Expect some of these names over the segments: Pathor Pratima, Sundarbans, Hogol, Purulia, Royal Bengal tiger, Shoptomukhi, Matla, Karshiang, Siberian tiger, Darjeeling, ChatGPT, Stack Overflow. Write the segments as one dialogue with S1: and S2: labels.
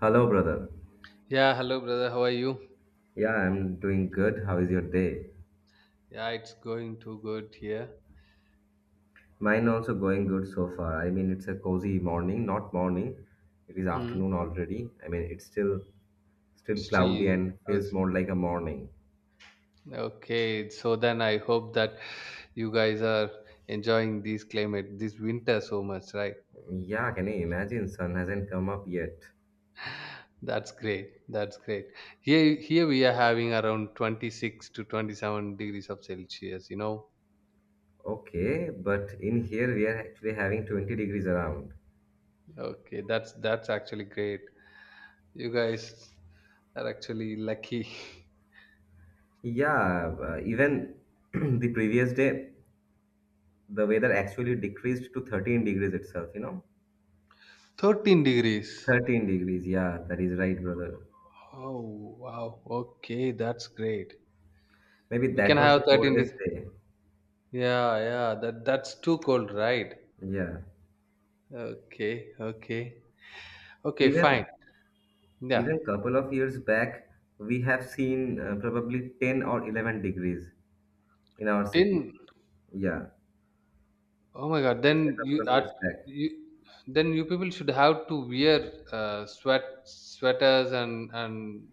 S1: Hello, brother.
S2: Yeah, hello brother. How are you?
S1: Yeah, I'm doing good. How is your day?
S2: Yeah, it's going too good here.
S1: Mine also going good so far. I mean, it's a cozy morning, not morning. It is
S2: Hmm.
S1: afternoon already. I mean, it's still cloudy
S2: Still,
S1: and feels
S2: how's-
S1: more like a morning.
S2: okay. So then I hope that you guys are enjoying this climate, this winter so much, right?
S1: Yeah, can you imagine? Sun hasn't come up yet.
S2: That's great. That's great. Here we are having around 26 to 27 degrees of Celsius, you know.
S1: Okay, but in here we are actually having 20 degrees around.
S2: Okay, that's actually great. You guys are actually lucky.
S1: Yeah, even the previous day, the weather actually decreased to 13 degrees itself, you know?
S2: 13 degrees.
S1: 13 degrees. Yeah, that is right, brother.
S2: Oh, wow. Okay, that's great.
S1: Maybe
S2: We
S1: that
S2: can
S1: was the
S2: have 13.
S1: coldest day.
S2: Yeah, yeah, that's too cold, right?
S1: Yeah.
S2: Okay, okay, okay, fine.
S1: Even
S2: Yeah,
S1: even couple of years back, we have seen probably 10 or 11 degrees in our city.
S2: then
S1: Yeah.
S2: oh my God,
S1: Just a
S2: then
S1: couple
S2: you
S1: of
S2: are
S1: years back.
S2: you then you people should have to wear sweaters and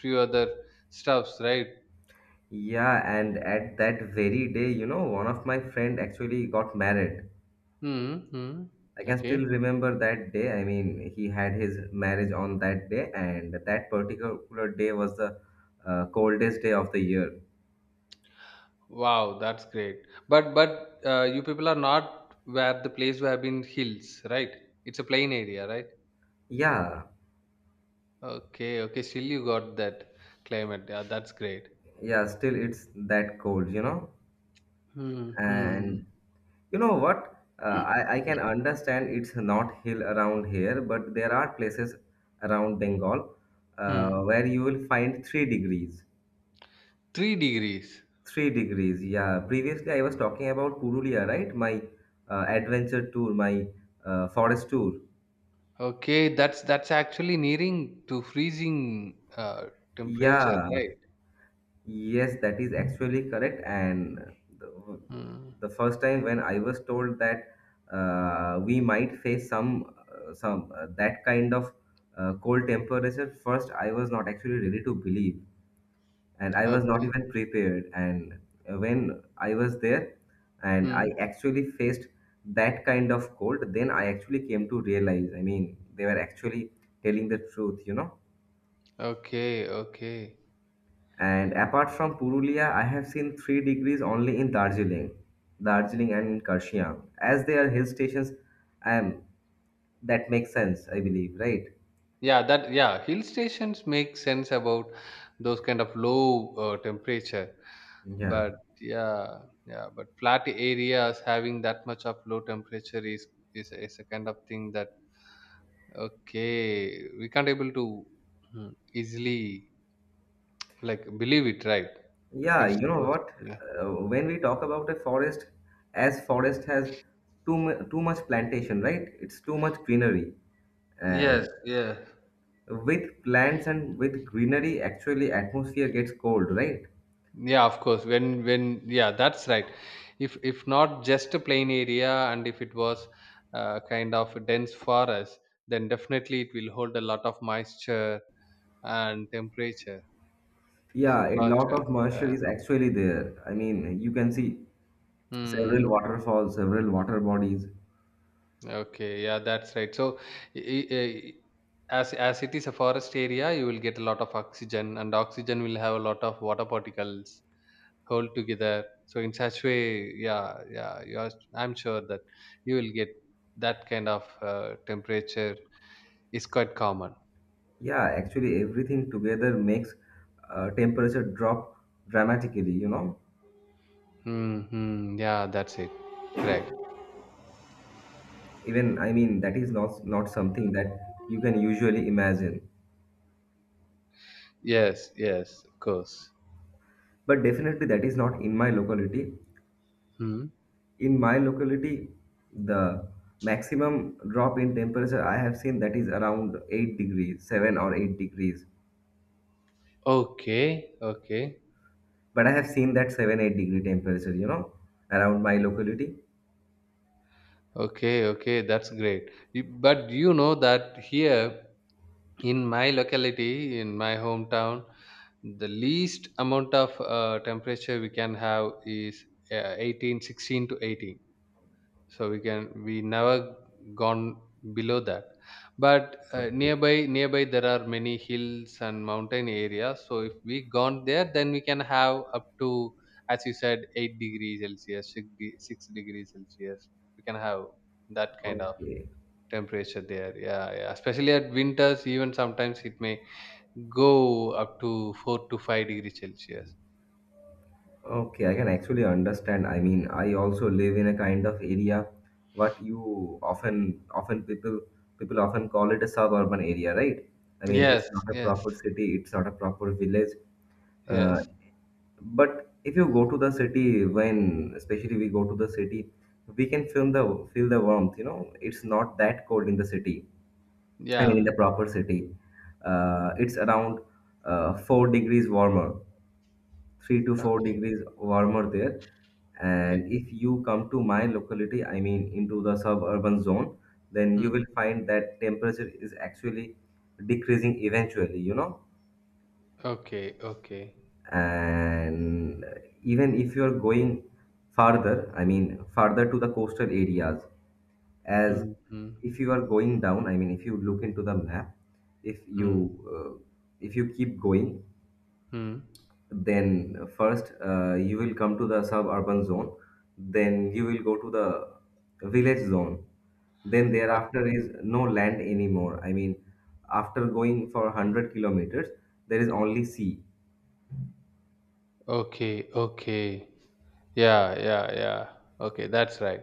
S2: few other stuffs, right?
S1: Yeah, and at that very day, one of my friend actually got married.
S2: Mm-hmm.
S1: I can still
S2: Okay.
S1: remember that day. I mean, he had his marriage on that day, and that particular day was the coldest day of the year.
S2: Wow, that's great. But you people are not where the place where have been hills, right? It's a plain area, right?
S1: Yeah,
S2: Okay, okay. Still you got that climate. Yeah, that's great.
S1: yeah, still it's that cold.
S2: Hmm, hmm.
S1: And you know what? Uh, I, I can understand it's not hill around here, but there are places around Bengal
S2: Hmm.
S1: where you will find 3 degrees.
S2: 3 degrees.
S1: 3 degrees, yeah. Previously, I was talking about Purulia, right? My adventure tour, my forest tour.
S2: Okay, that's actually nearing to freezing temperature,
S1: Yeah,
S2: right?
S1: yes, that is actually correct. And the,
S2: Hmm.
S1: the first time when I was told that we might face some that kind of cold temperature, first I was not actually ready to believe, and I was not
S2: Okay.
S1: even prepared. And when I was there, and
S2: Hmm.
S1: I actually faced that kind of cold, then I actually came to realize. I mean, they were actually telling the truth.
S2: Okay, okay.
S1: And apart from Purulia, I have seen 3 degrees only in Darjeeling, and in Karshiang. As they are hill stations, I am that makes sense, I believe, right?
S2: Yeah, that yeah, hill stations make sense about those kind of low temperature.
S1: Yeah.
S2: But yeah, yeah, but flat areas having that much of low temperature is a kind of thing that okay, we can't able to easily like believe it, right?
S1: Yeah,
S2: If
S1: you know
S2: suppose,
S1: what?
S2: yeah.
S1: When we talk about a forest, as forest has too much plantation, right? It's too much greenery.
S2: Yes,
S1: And
S2: yeah.
S1: with plants and with greenery, actually atmosphere gets cold, right?
S2: Yeah, of course. When yeah, that's right. If not just a plain area and if it was kind of a dense forest, then definitely it will hold a lot of moisture and temperature. So
S1: Yeah, a lot
S2: faster,
S1: of moisture
S2: yeah.
S1: is actually there. I mean, you can see several
S2: Hmm.
S1: waterfalls, several water bodies.
S2: Okay. Yeah, that's right. So, i- i- i- as it is a forest area, you will get a lot of oxygen, and oxygen will have a lot of water particles hold together. So in such way, yeah, yeah, you are I'm sure that you will get that kind of temperature is quite common.
S1: Yeah, actually, everything together makes temperature drop dramatically.
S2: Hmm, yeah, that's it, correct.
S1: Even, I mean, that is not, not something that you can usually imagine.
S2: Yes, yes, of course.
S1: But definitely, that is not in my locality.
S2: Hmm.
S1: In my locality, the maximum drop in temperature I have seen that is around 8 degrees, 7 or 8 degrees.
S2: Okay, okay.
S1: But I have seen that 7 8-degree temperature, around my locality.
S2: Okay, okay, that's great. But you know that here in my locality, in my hometown, the least amount of temperature we can have is 18, 16 to 18, so we never gone below that. But
S1: Okay,
S2: nearby there are many hills and mountain areas, so if we gone there then we can have up to, as you said, 8 degrees celsius, 6, 6 degrees celsius. We can have that kind of
S1: okay.
S2: temperature there. Yeah, yeah, especially at winters, even sometimes it may go up to 4 to 5 degrees celsius.
S1: Okay, I can actually understand. I mean, I also live in a kind of area what you often people often call it a suburban area, right? I mean, it's
S2: Yes,
S1: not a
S2: yes,
S1: proper city, it's not a proper village. Uh,
S2: yes.
S1: but if you go to the city, when especially we go to the city, we can feel the warmth. It's not that cold in the city. I mean, in
S2: Yeah,
S1: the proper city, it's around 4 degrees warmer, three to four
S2: okay,
S1: degrees warmer there.
S2: okay.
S1: And if you come to my locality, I mean into the suburban zone, then you
S2: Hmm.
S1: will find that temperature is actually decreasing eventually.
S2: Okay, okay.
S1: And even if you're going farther, I mean farther to the coastal areas, as
S2: Mm, mm,
S1: if you are going down, I mean if you look into the map, if you
S2: mm,
S1: uh, if you keep going,
S2: mm.
S1: then first you will come to the suburban zone, then you will go to the village zone, then
S2: Okay,
S1: thereafter is no land anymore. I mean, after going for 100 kilometers, there is only sea.
S2: okay, okay. Yeah, yeah, yeah. Okay, that's right.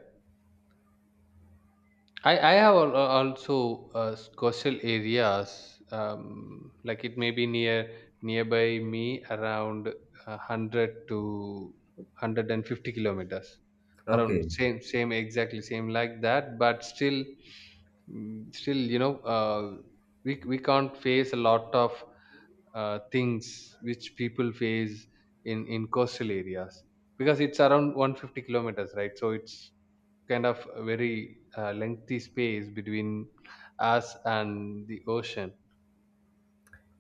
S2: I have also coastal areas. Like it may be nearby me around 100 to 150 kilometers. Around
S1: Okay,
S2: same exactly same like that, but still, still, we can't face a lot of things which people face in coastal areas, because it's around 150 kilometers, right? So it's kind of a very lengthy space between us and the ocean.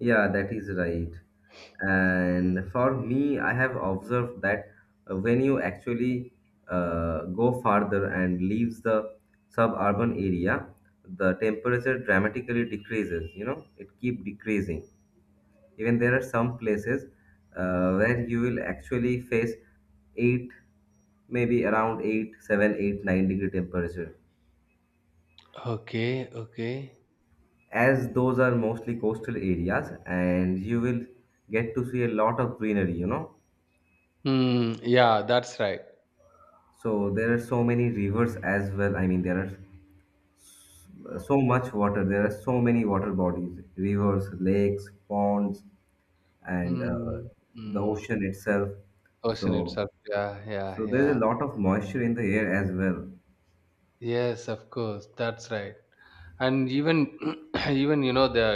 S1: yeah, that is right. And for me I have observed that when you actually go farther and leaves the suburban area, the temperature dramatically decreases. It keep decreasing. Even there are some places where you will actually face 8, maybe around 8, 7, 8, 9 degree temperature.
S2: Okay, okay.
S1: As those are mostly coastal areas, and you will get to see a lot of greenery.
S2: Hmm. Yeah, that's right.
S1: So there are so many rivers as well. I mean, there are so much water. There are so many water bodies, rivers, lakes, ponds, and
S2: Hmm.
S1: the
S2: Hmm.
S1: ocean itself.
S2: Ocean
S1: So,
S2: itself, yeah, yeah,
S1: so, there's a
S2: yeah.
S1: lot of moisture in the air as well.
S2: Yes, of course. That's right. And even even you know the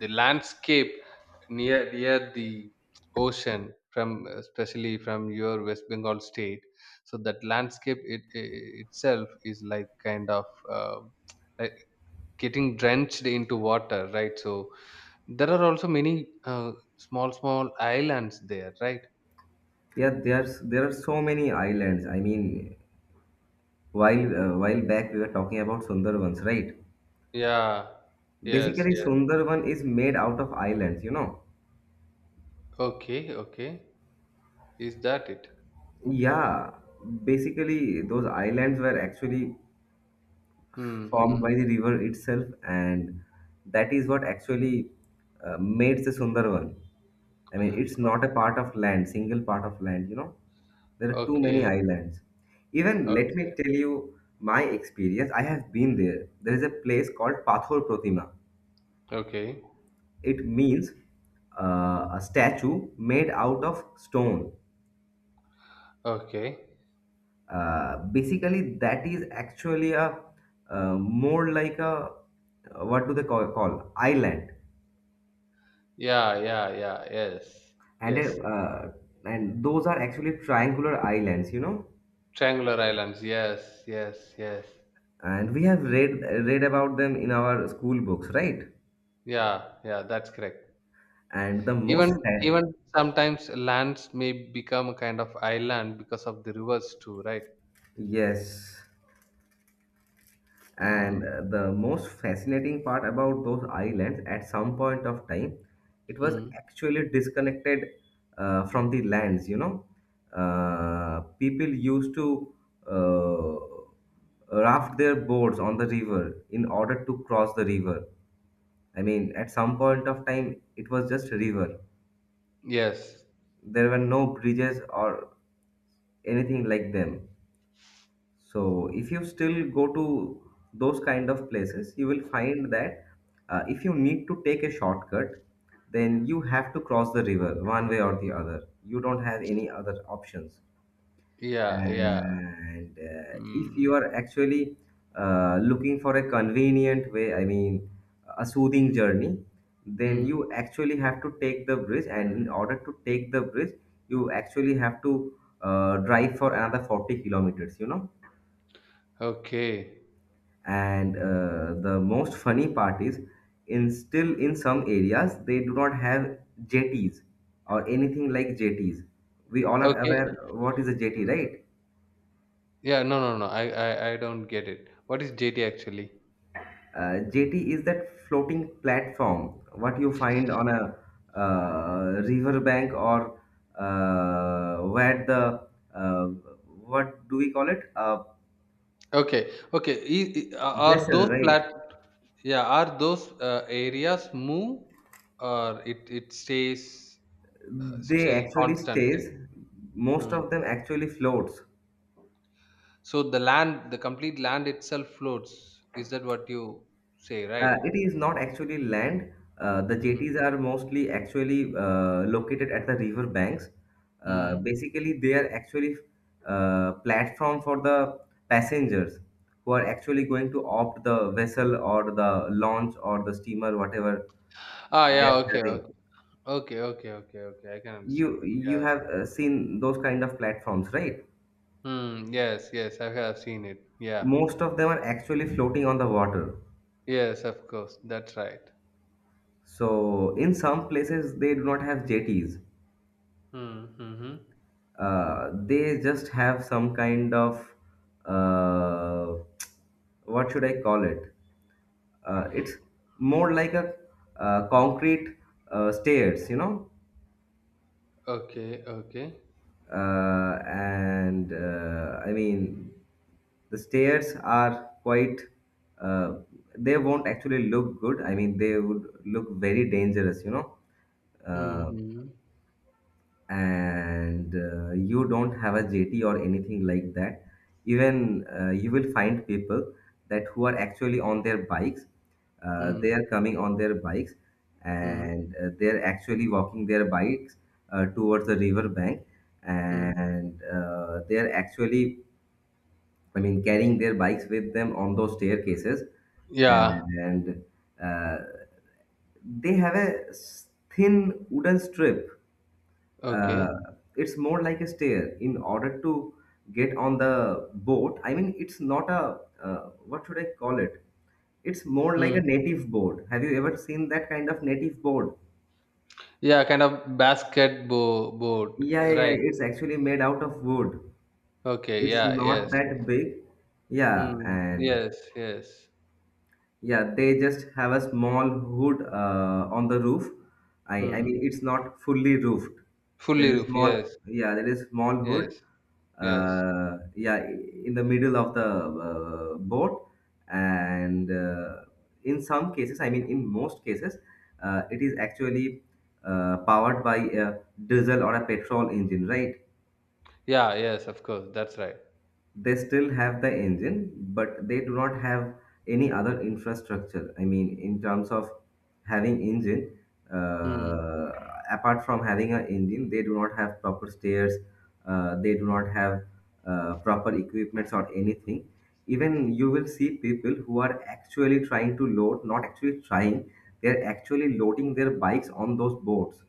S2: the landscape near the ocean, from especially from your West Bengal state. So that landscape, it itself is like kind of like getting drenched into water, right? So there are also many small islands there, right?
S1: Yeah, there are so many islands. I mean, while back we were talking about Sundarbans, right?
S2: Yeah. Yes.
S1: Basically,
S2: Yeah.
S1: Sundarban is made out of islands. You know?
S2: Okay. Okay. Is that it?
S1: Yeah. Basically, those islands were actually
S2: Hmm,
S1: formed
S2: hmm.
S1: by the river itself, and that is what actually made the Sundarban. I mean, it's not a part of land, single part of land. There are too many
S2: Okay,
S1: islands. Even let me
S2: okay,
S1: tell you my experience. I have been there. There is a place called Pathor Pratima.
S2: okay,
S1: It means a statue made out of stone.
S2: okay.
S1: Basically, that is actually a more like a what do they call, call island.
S2: Yeah, yeah, yeah, yes,
S1: and
S2: yes.
S1: uh, and those are actually triangular islands.
S2: Triangular islands, yes, yes, yes.
S1: And we have read about them in our school books, right?
S2: Yeah, yeah, that's correct.
S1: and the most
S2: Even
S1: fa-
S2: even sometimes lands may become a kind of island because of the rivers too, right?
S1: Yes, and
S2: Mm,
S1: the most fascinating part about those islands at some point of time, it was
S2: mm.
S1: actually disconnected from the lands. People used to uh, raft their boats on the river in order to cross the river. I mean, at some point of time, it was just a river.
S2: Yes.
S1: There were no bridges or anything like them. So, if you still go to those kind of places, you will find that if you need to take a shortcut, then you have to cross the river one way or the other. You don't have any other options.
S2: Yeah, yeah.
S1: And if
S2: Mm,
S1: you are actually looking for a convenient way, I mean, a soothing journey, then
S2: mm.
S1: you actually have to take the bridge. And in order to take the bridge, you actually have to drive for another 40 kilometers.
S2: Okay.
S1: And the most funny part is, in some areas, they do not have jetties or anything like jetties. We all are
S2: Okay.
S1: aware what is a jetty, right?
S2: Yeah, no, no, no. I don't get it. What is JT actually?
S1: Jetty is that floating platform, what you find on a river bank or where the uh, what do we call it? A
S2: Okay, okay. Are
S1: vessel,
S2: those
S1: right?
S2: plat? Yeah, are those areas move or it stays
S1: They
S2: still
S1: actually
S2: constantly?
S1: stays. Most
S2: Mm.
S1: of them actually floats.
S2: So the land, the complete land itself floats. Is that what you say, right?
S1: It is not actually land. The
S2: Mm.
S1: jetties are mostly actually located at the river banks.
S2: Mm.
S1: Basically, they are actually platform for the passengers who are actually going to opt the vessel or the launch or the steamer, whatever
S2: Ah,
S1: they
S2: yeah.
S1: are
S2: Okay,
S1: having.
S2: okay, okay, okay, okay, okay. I can understand
S1: You
S2: that.
S1: you
S2: Yeah.
S1: have seen those kind of platforms, right?
S2: Mm, yes, yes. I have seen it. Yeah.
S1: Most of them are actually floating on the water.
S2: Yes, of course. That's right.
S1: So in some places they do not have jetties.
S2: Mm-hmm.
S1: They just have some kind of uh, what should I call it? It's more like a concrete stairs.
S2: Okay, okay.
S1: And I mean, the stairs are quite. Uh, they won't actually look good. I mean, they would look very dangerous.
S2: Hmm.
S1: Uh,
S2: Hmm.
S1: and you don't have a JT or anything like that, even you will find people that who are actually on their bikes.
S2: Hmm,
S1: They are coming on their bikes
S2: hmm.
S1: and they're actually walking their bikes towards the river bank
S2: Mm.
S1: and they're actually I mean carrying their bikes with them on those staircases
S2: Yeah.
S1: and uh, they have a thin wooden strip
S2: Okay.
S1: uh, it's more like a stair in order to get on the boat. I mean, it's not a, what should I call it? It's more like
S2: Mm.
S1: a native board. Have you ever seen that kind of native board?
S2: Yeah, kind of basket boat,
S1: Yeah, yeah,
S2: right.
S1: yeah, it's actually made out of wood.
S2: Okay.
S1: It's
S2: Yeah.
S1: not
S2: Yes. Yes.
S1: that big. Yeah.
S2: Mm.
S1: And,
S2: Yes. Yes.
S1: yeah, they just have a small hood on the roof. I
S2: Mm.
S1: mean it's not fully roofed. There
S2: Fully
S1: is a
S2: roof.
S1: small,
S2: Yes.
S1: yeah, there is small
S2: Yes.
S1: hood.
S2: Yes.
S1: Yeah, in the middle of the boat, and in some cases, I mean in most cases, it is actually powered by a diesel or a petrol engine, right?
S2: Yeah. Yes. Of course. That's right.
S1: They still have the engine, but they do not have any other infrastructure. I mean, in terms of having engine,
S2: Hmm.
S1: uh, apart from having an engine, they do not have proper stairs. They do not have proper equipments or anything. Even you will see people who are actually trying to load, not actually trying, they are actually loading their bikes on those boats.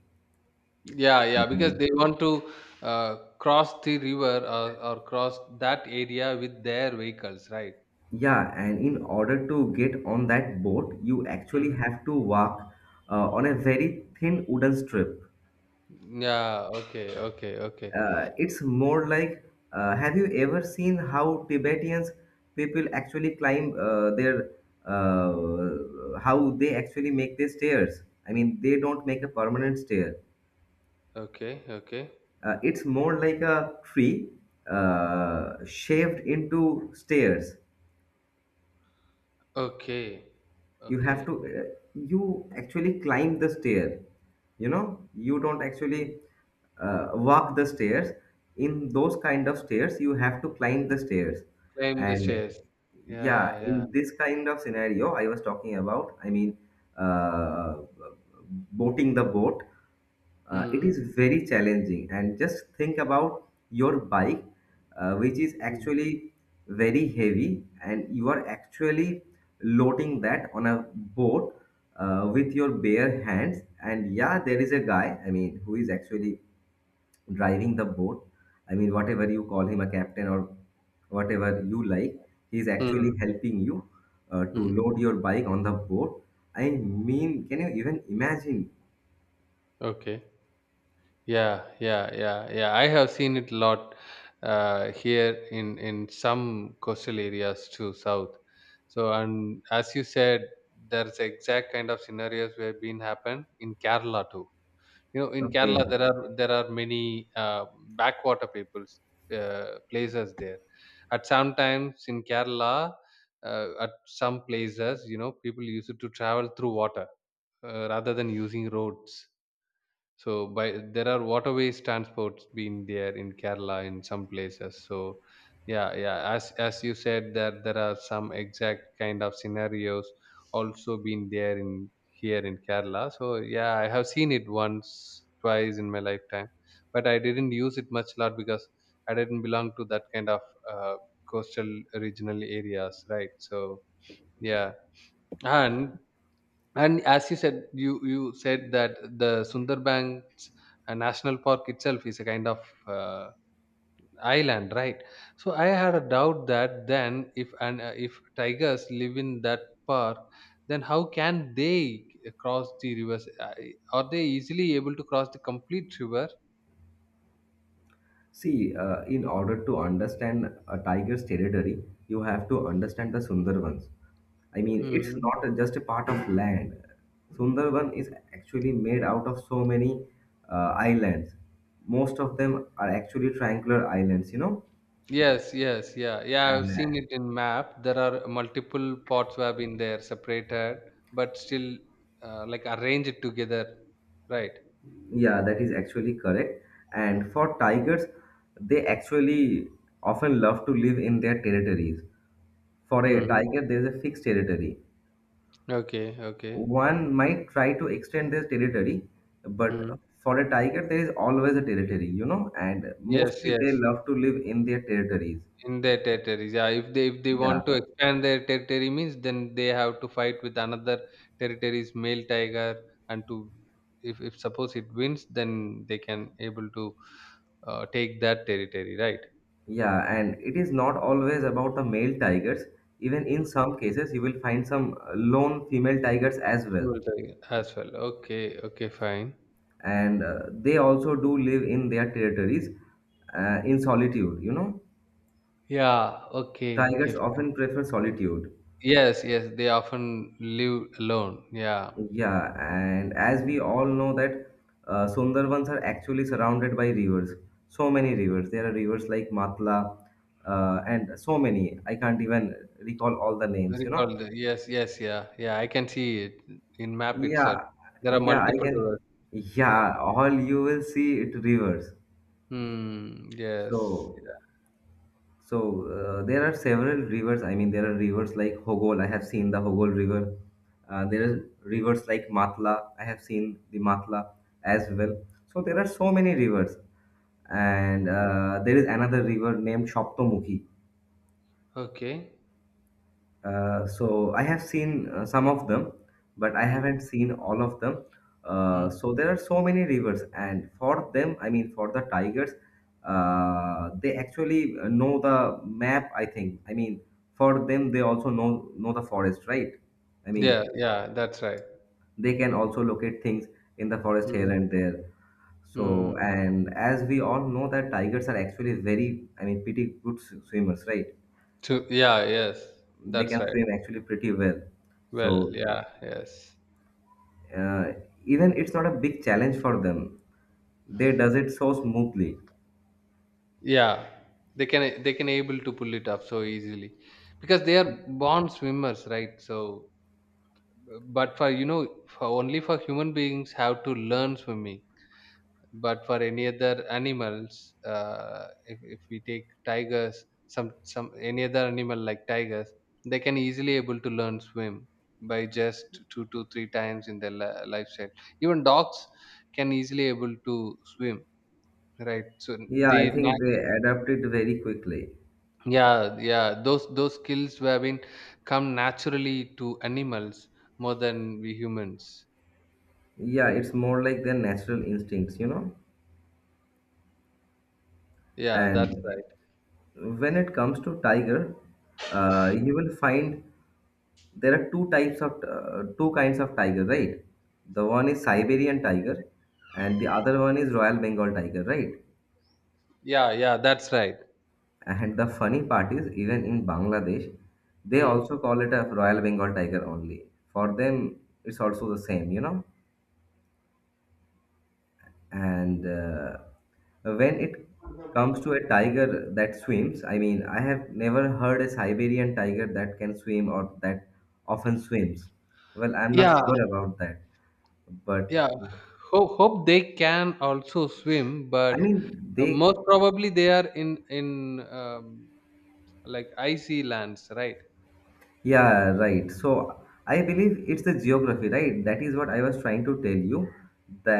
S2: Yeah, yeah, because they want to cross the river, or cross that area with their vehicles, right?
S1: Yeah, and in order to get on that boat, you actually
S2: Mm.
S1: have to walk on a very thin wooden strip.
S2: Yeah, okay, okay, okay,
S1: It's more like, have you ever seen how Tibetans people actually climb how they actually make their stairs? I mean, they don't make a permanent stair.
S2: okay, okay,
S1: It's more like a tree shaved into stairs.
S2: okay,
S1: You have
S2: okay.
S1: to you actually climb the stair. You don't actually walk the stairs. In those kind of stairs you have to climb the stairs.
S2: Claim the
S1: And
S2: shares. Yeah,
S1: yeah,
S2: yeah.
S1: in this kind of scenario I was talking about, I mean, uh, boating the boat, it is
S2: Hmm.
S1: very challenging, and just think about your bike, which is
S2: Hmm.
S1: actually very heavy, and you are actually loading that on a boat with your bare hands. And yeah, there is a guy, I mean, who is actually driving the boat. I mean, whatever you call him, a captain or whatever you like, he is
S2: Mm.
S1: actually helping you to
S2: Mm.
S1: load your bike on the boat. I mean, can you even imagine?
S2: Okay. Yeah, yeah, yeah, yeah. I have seen it a lot here in some coastal areas too, south. So, and as you said, there's exact kind of scenarios we have been happened in Kerala too. You know, in Kerala
S1: Okay.
S2: there are many backwater peoples places there. At some times in Kerala, at some places, people used to travel through water rather than using roads. So by there are waterways transports been there in Kerala in some places. So yeah, yeah. As you said, that there are some exact kind of scenarios also been there in here in Kerala. So yeah, I have seen it once, twice in my lifetime, but I didn't use it much lot because I didn't belong to that kind of uh, coastal regional areas, right? So yeah. And and as you said, you said that the Sundarbans national park itself is a kind of uh, island, right? So I had a doubt that then if tigers live in that park, then how can they cross the rivers? Are they easily able to cross the complete river?
S1: See, in order to understand a tiger's territory, you have to understand the Sundarbans. I mean, it's
S2: Hmm.
S1: not just a part of land. Sundarban is actually made out of so many islands. Most of them are actually triangular islands, you know.
S2: Yes, yes, yeah, yeah. I've
S1: And
S2: seen it in map. There are multiple pots have been there separated, but still like arranged together, right?
S1: yeah, that is actually correct. And for tigers, they actually often love to live in their territories. For a
S2: Mhm.
S1: tiger, there is a fixed territory.
S2: Okay, okay.
S1: One might try to extend their territory,
S2: Mm.
S1: but for a tiger, there is always a territory, you know, and
S2: Yes,
S1: mostly they
S2: yes.
S1: love to live in their territories.
S2: In their territories. Yeah, if they
S1: Yeah,
S2: want to expand their territory means then they have to fight with another territory's male tiger, and to if suppose it wins then they can able to take that territory, right?
S1: yeah, and it is not always about the male tigers. Even in
S2: Mhm.
S1: some cases, you will find some lone female tigers as well.
S2: Female tiger as well. Okay, okay, fine.
S1: And they also do live in their territories in solitude, you know.
S2: Yeah, okay, okay,
S1: Tigers
S2: fine.
S1: often prefer solitude.
S2: Yes, yes, they often live alone. Yeah.
S1: Yeah, and as we all know that Sundarbans are actually surrounded by rivers. So many rivers. There are rivers like Matla, and so many. I can't even recall all the names, you know.
S2: Recalled. Yes, yes, yeah, yeah. I can see it in map itself.
S1: Yeah,
S2: There are
S1: yeah, I
S2: multiple
S1: can.
S2: rivers. Yeah.
S1: Yeah, all you will see it rivers.
S2: Hmm. Yes. Yeah.
S1: So So there are several rivers. I mean, there are rivers like Hogol. I have seen the Hogol River. There are rivers like Matla. I have seen the Matla as well. So there are so many rivers, and there is another river named Shoptomukhi.
S2: Okay.
S1: So I have seen some of them, but I
S2: Hmm.
S1: haven't seen all of them. Uh,
S2: Hmm.
S1: so there are so many rivers, and for them, I mean for the tigers, they actually know the map, I think. I mean, for them, they also know the forest, right? I mean,
S2: Yeah. Yeah. That's right.
S1: they can also locate things in the forest here
S2: Hmm.
S1: and there. So,
S2: Hmm.
S1: and as we all know that tigers are actually very, I mean, pretty good swimmers, right?
S2: To Yeah. Yes.
S1: They
S2: That's
S1: can
S2: right.
S1: swim actually pretty well.
S2: Well.
S1: So
S2: Yeah. Yes.
S1: uh, Even it's not a big challenge for them, they does it so smoothly.
S2: Yeah. They can able to pull it up so easily, because they are born swimmers, right? So, but for you know, for only for human beings have to learn swimming, but for any other animals, if we take tigers, some any other animal like tigers, they can easily able to learn swim by just two to three times in their lifestyle. Even dogs can easily able to swim, right? So
S1: Yeah, I
S2: they
S1: think they
S2: nat-
S1: adapt it very quickly.
S2: yeah, yeah. Those skills have been come naturally to animals, more than we humans.
S1: Yeah, it's more like their natural instincts, you know.
S2: Yeah, that's
S1: And
S2: right.
S1: when it comes to tiger, you will find there are two types of two kinds of tiger, right? The one is Siberian tiger and the other one is Royal Bengal tiger, right?
S2: Yeah, yeah, that's right.
S1: And the funny part is, even in Bangladesh, they
S2: Hmm.
S1: also call it a Royal Bengal tiger only. For them, it's also the same, you know. And When it comes to a tiger that swims, I mean, I have never heard a Siberian tiger that can swim or that often swims. Well, I'm not
S2: Yeah,
S1: sure about that, but
S2: yeah. Hope they can also swim,
S1: I
S2: but
S1: mean, they.
S2: most probably they are in like icy lands, right?
S1: Yeah, right. So I believe it's the geography, right? That is what I was trying to tell you,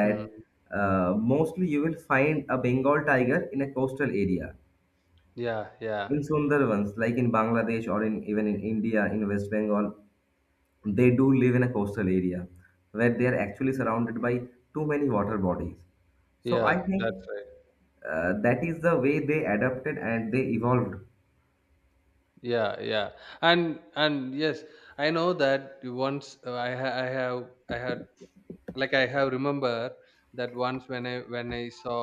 S2: Hmm.
S1: mostly you will find a Bengal tiger in a coastal area.
S2: Yeah, yeah,
S1: In Sundarbans, like in Bangladesh or in even in India, in West Bengal, they do live in a coastal area where they are actually surrounded by too many water bodies. So
S2: yeah.
S1: I
S2: That's
S1: think
S2: right.
S1: that is the way they adapted and they evolved.
S2: Yeah, yeah. And yes, I know that once I ha- I have I had like I have remember that once when I saw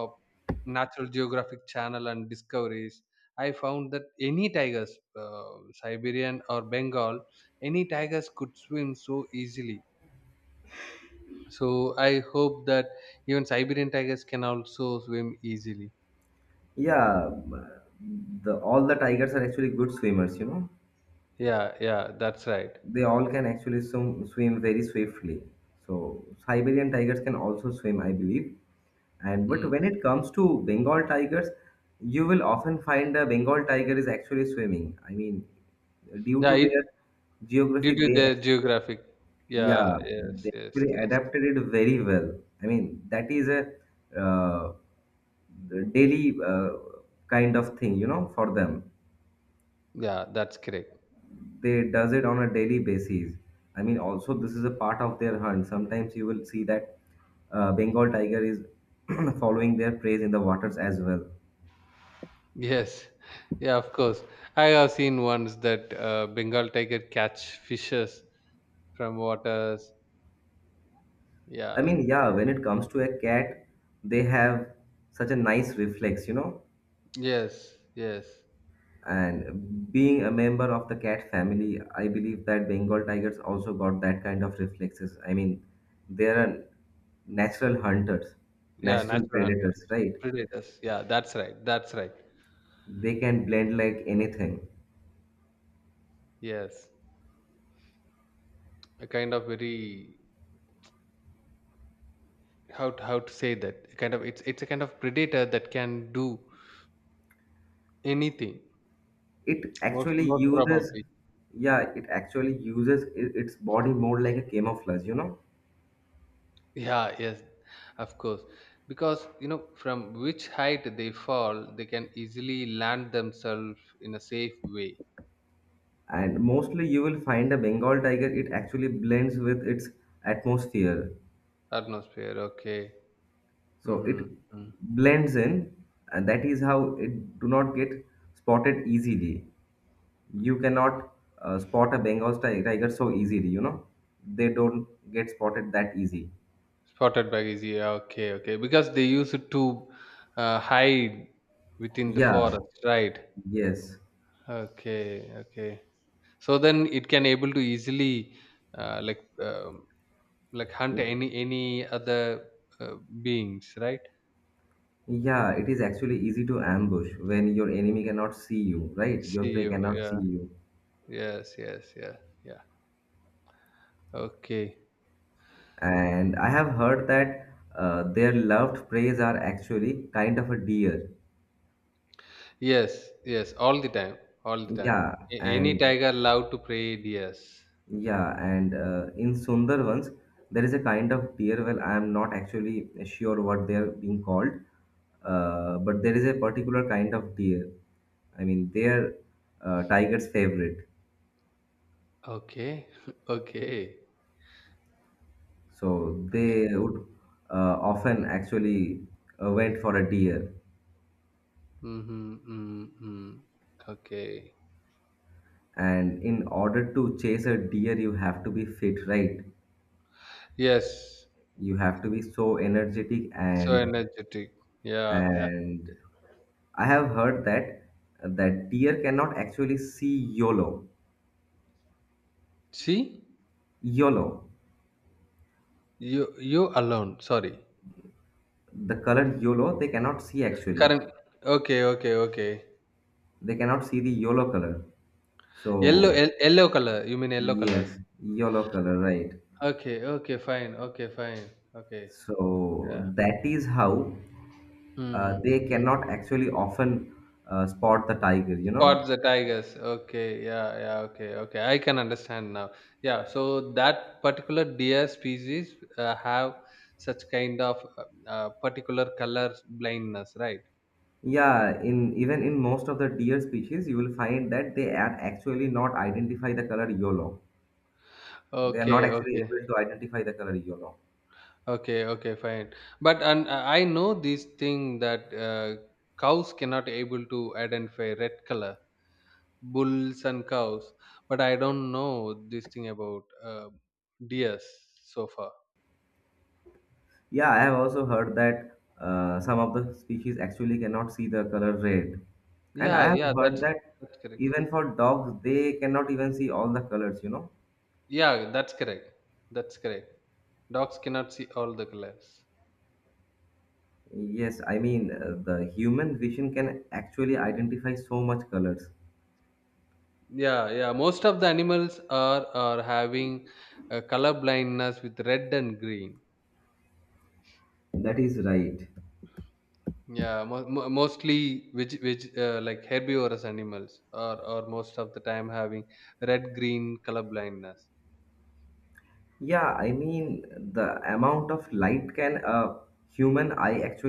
S2: natural geographic channel and discoveries. I found that any tigers, uh, Siberian or Bengal, any tigers could swim so easily, so I hope that even Siberian tigers can also swim easily.
S1: Yeah, the all the tigers are actually good swimmers, you know.
S2: Yeah, yeah, that's right.
S1: They all can actually swim very swiftly. So Siberian tigers can also swim, I believe. And but
S2: Mm.
S1: when it comes to Bengal tigers, you will often find a Bengal tiger is actually swimming. I mean, due
S2: Yeah,
S1: to their geography,
S2: due to
S1: they
S2: their
S1: actually.
S2: geographic, yeah,
S1: Yeah,
S2: yes,
S1: they
S2: yes,
S1: actually
S2: yes,
S1: adapted it very well. I mean, that is a uh, daily kind of thing, you know, for them.
S2: yeah, that's correct.
S1: They does it on a daily basis. I mean, also this is a part of their hunt. Sometimes you will see that Bengal tiger is following their prey in the waters as well.
S2: Yes, yeah, of course. I have seen once that Bengal tiger catch fishes from waters.
S1: I
S2: Yeah,
S1: mean, yeah, when it comes to a cat, they have such a nice reflex, you know.
S2: yes, yes,
S1: And being a member of the cat family, I believe that Bengal tigers also got that kind of reflexes. I mean, they are natural hunters,
S2: yeah,
S1: natural
S2: natural hunter
S1: predators, right?
S2: predators. Yeah, that's right, that's right.
S1: They can blend like anything.
S2: Yes, a kind of very how to say that, a kind of, it's a kind of predator that can do anything.
S1: It
S2: Most
S1: actually
S2: most
S1: uses,
S2: probably,
S1: yeah, it actually uses its body more like a camouflage, you know.
S2: yeah, yes, of course. Because from which height they fall, they can easily land themselves in a safe way.
S1: And mostly you will find a Bengal tiger, it actually blends with its atmosphere.
S2: Atmosphere, okay.
S1: So it
S2: Mm-hmm, mm.
S1: blends in, and that is how it do not get spotted easily. You cannot spot a Bengal tiger so easily, you know. They don't get spotted that easy.
S2: Spotted bag is, yeah, okay, okay. Because they use it to hide within the
S1: Yeah,
S2: forest, right?
S1: yes.
S2: Okay, okay. So then it can able to easily uh, like um, like hunt any other uh, beings, right?
S1: Yeah, it is actually easy to ambush when your enemy cannot see you, right? Your
S2: See
S1: prey
S2: you.
S1: cannot see
S2: Yeah.
S1: you.
S2: Yes. Yes. Yeah. Yeah. Okay.
S1: And I have heard that their loved preys are actually kind of a deer.
S2: Yes, yes, all the time, all the time.
S1: Yeah,
S2: Any
S1: and
S2: tiger love to pray? Deers.
S1: yeah, and in Sundarbans, there is a kind of deer. Well, I am not actually sure what they are being called, but there is a particular kind of deer. I mean, they are tiger's favorite.
S2: Okay, okay,
S1: So
S2: okay.
S1: they would often actually went for a deer.
S2: Mm-hmm, mm-hmm. Okay.
S1: And in order to chase a deer, you have to be fit, right?
S2: Yes,
S1: You have to be so energetic,
S2: so energetic. Yeah, yeah.
S1: and I have heard that that deer cannot actually see YOLO.
S2: See,
S1: YOLO,
S2: you alone. Sorry.
S1: the color YOLO, they cannot see actually.
S2: Current. Okay, okay, okay.
S1: They cannot see the YOLO color.
S2: Yellow,
S1: So
S2: yellow color. You mean yellow color?
S1: yes, YOLO color, right?
S2: Okay, okay, fine. Okay, fine. Okay.
S1: So
S2: Yeah.
S1: that is how
S2: Hmm.
S1: they cannot actually often spot the tiger, you know.
S2: Towards the Tigers. Okay, yeah, yeah, okay, okay. I can understand now. Yeah, so that particular deer species have such kind of particular color blindness, right?
S1: Yeah, in even in most of the deer species you will find that they are actually not identify the color yellow. They are not
S2: Okay,
S1: actually able
S2: okay,
S1: to identify the color yellow.
S2: okay, okay, fine. But and I know this thing that cows cannot able to identify red color, bulls and cows, but I don't know this thing about deers so far.
S1: Yeah, I have also heard that some of the species actually cannot see the color red. And I
S2: Yeah,
S1: have
S2: yeah,
S1: heard
S2: that's
S1: that
S2: that's correct.
S1: even for dogs they cannot even see all the colors, you know.
S2: Yeah, that's correct. That's correct. Dogs cannot see all the colors.
S1: Yes, I mean, the human vision can actually identify so much colors.
S2: Yeah, yeah. Most of the animals are having color blindness with red and green.
S1: That is right.
S2: Yeah, mostly, which like herbivorous animals are most of the time having red green color blindness.
S1: Yeah, I mean, the amount of light can a human eye actually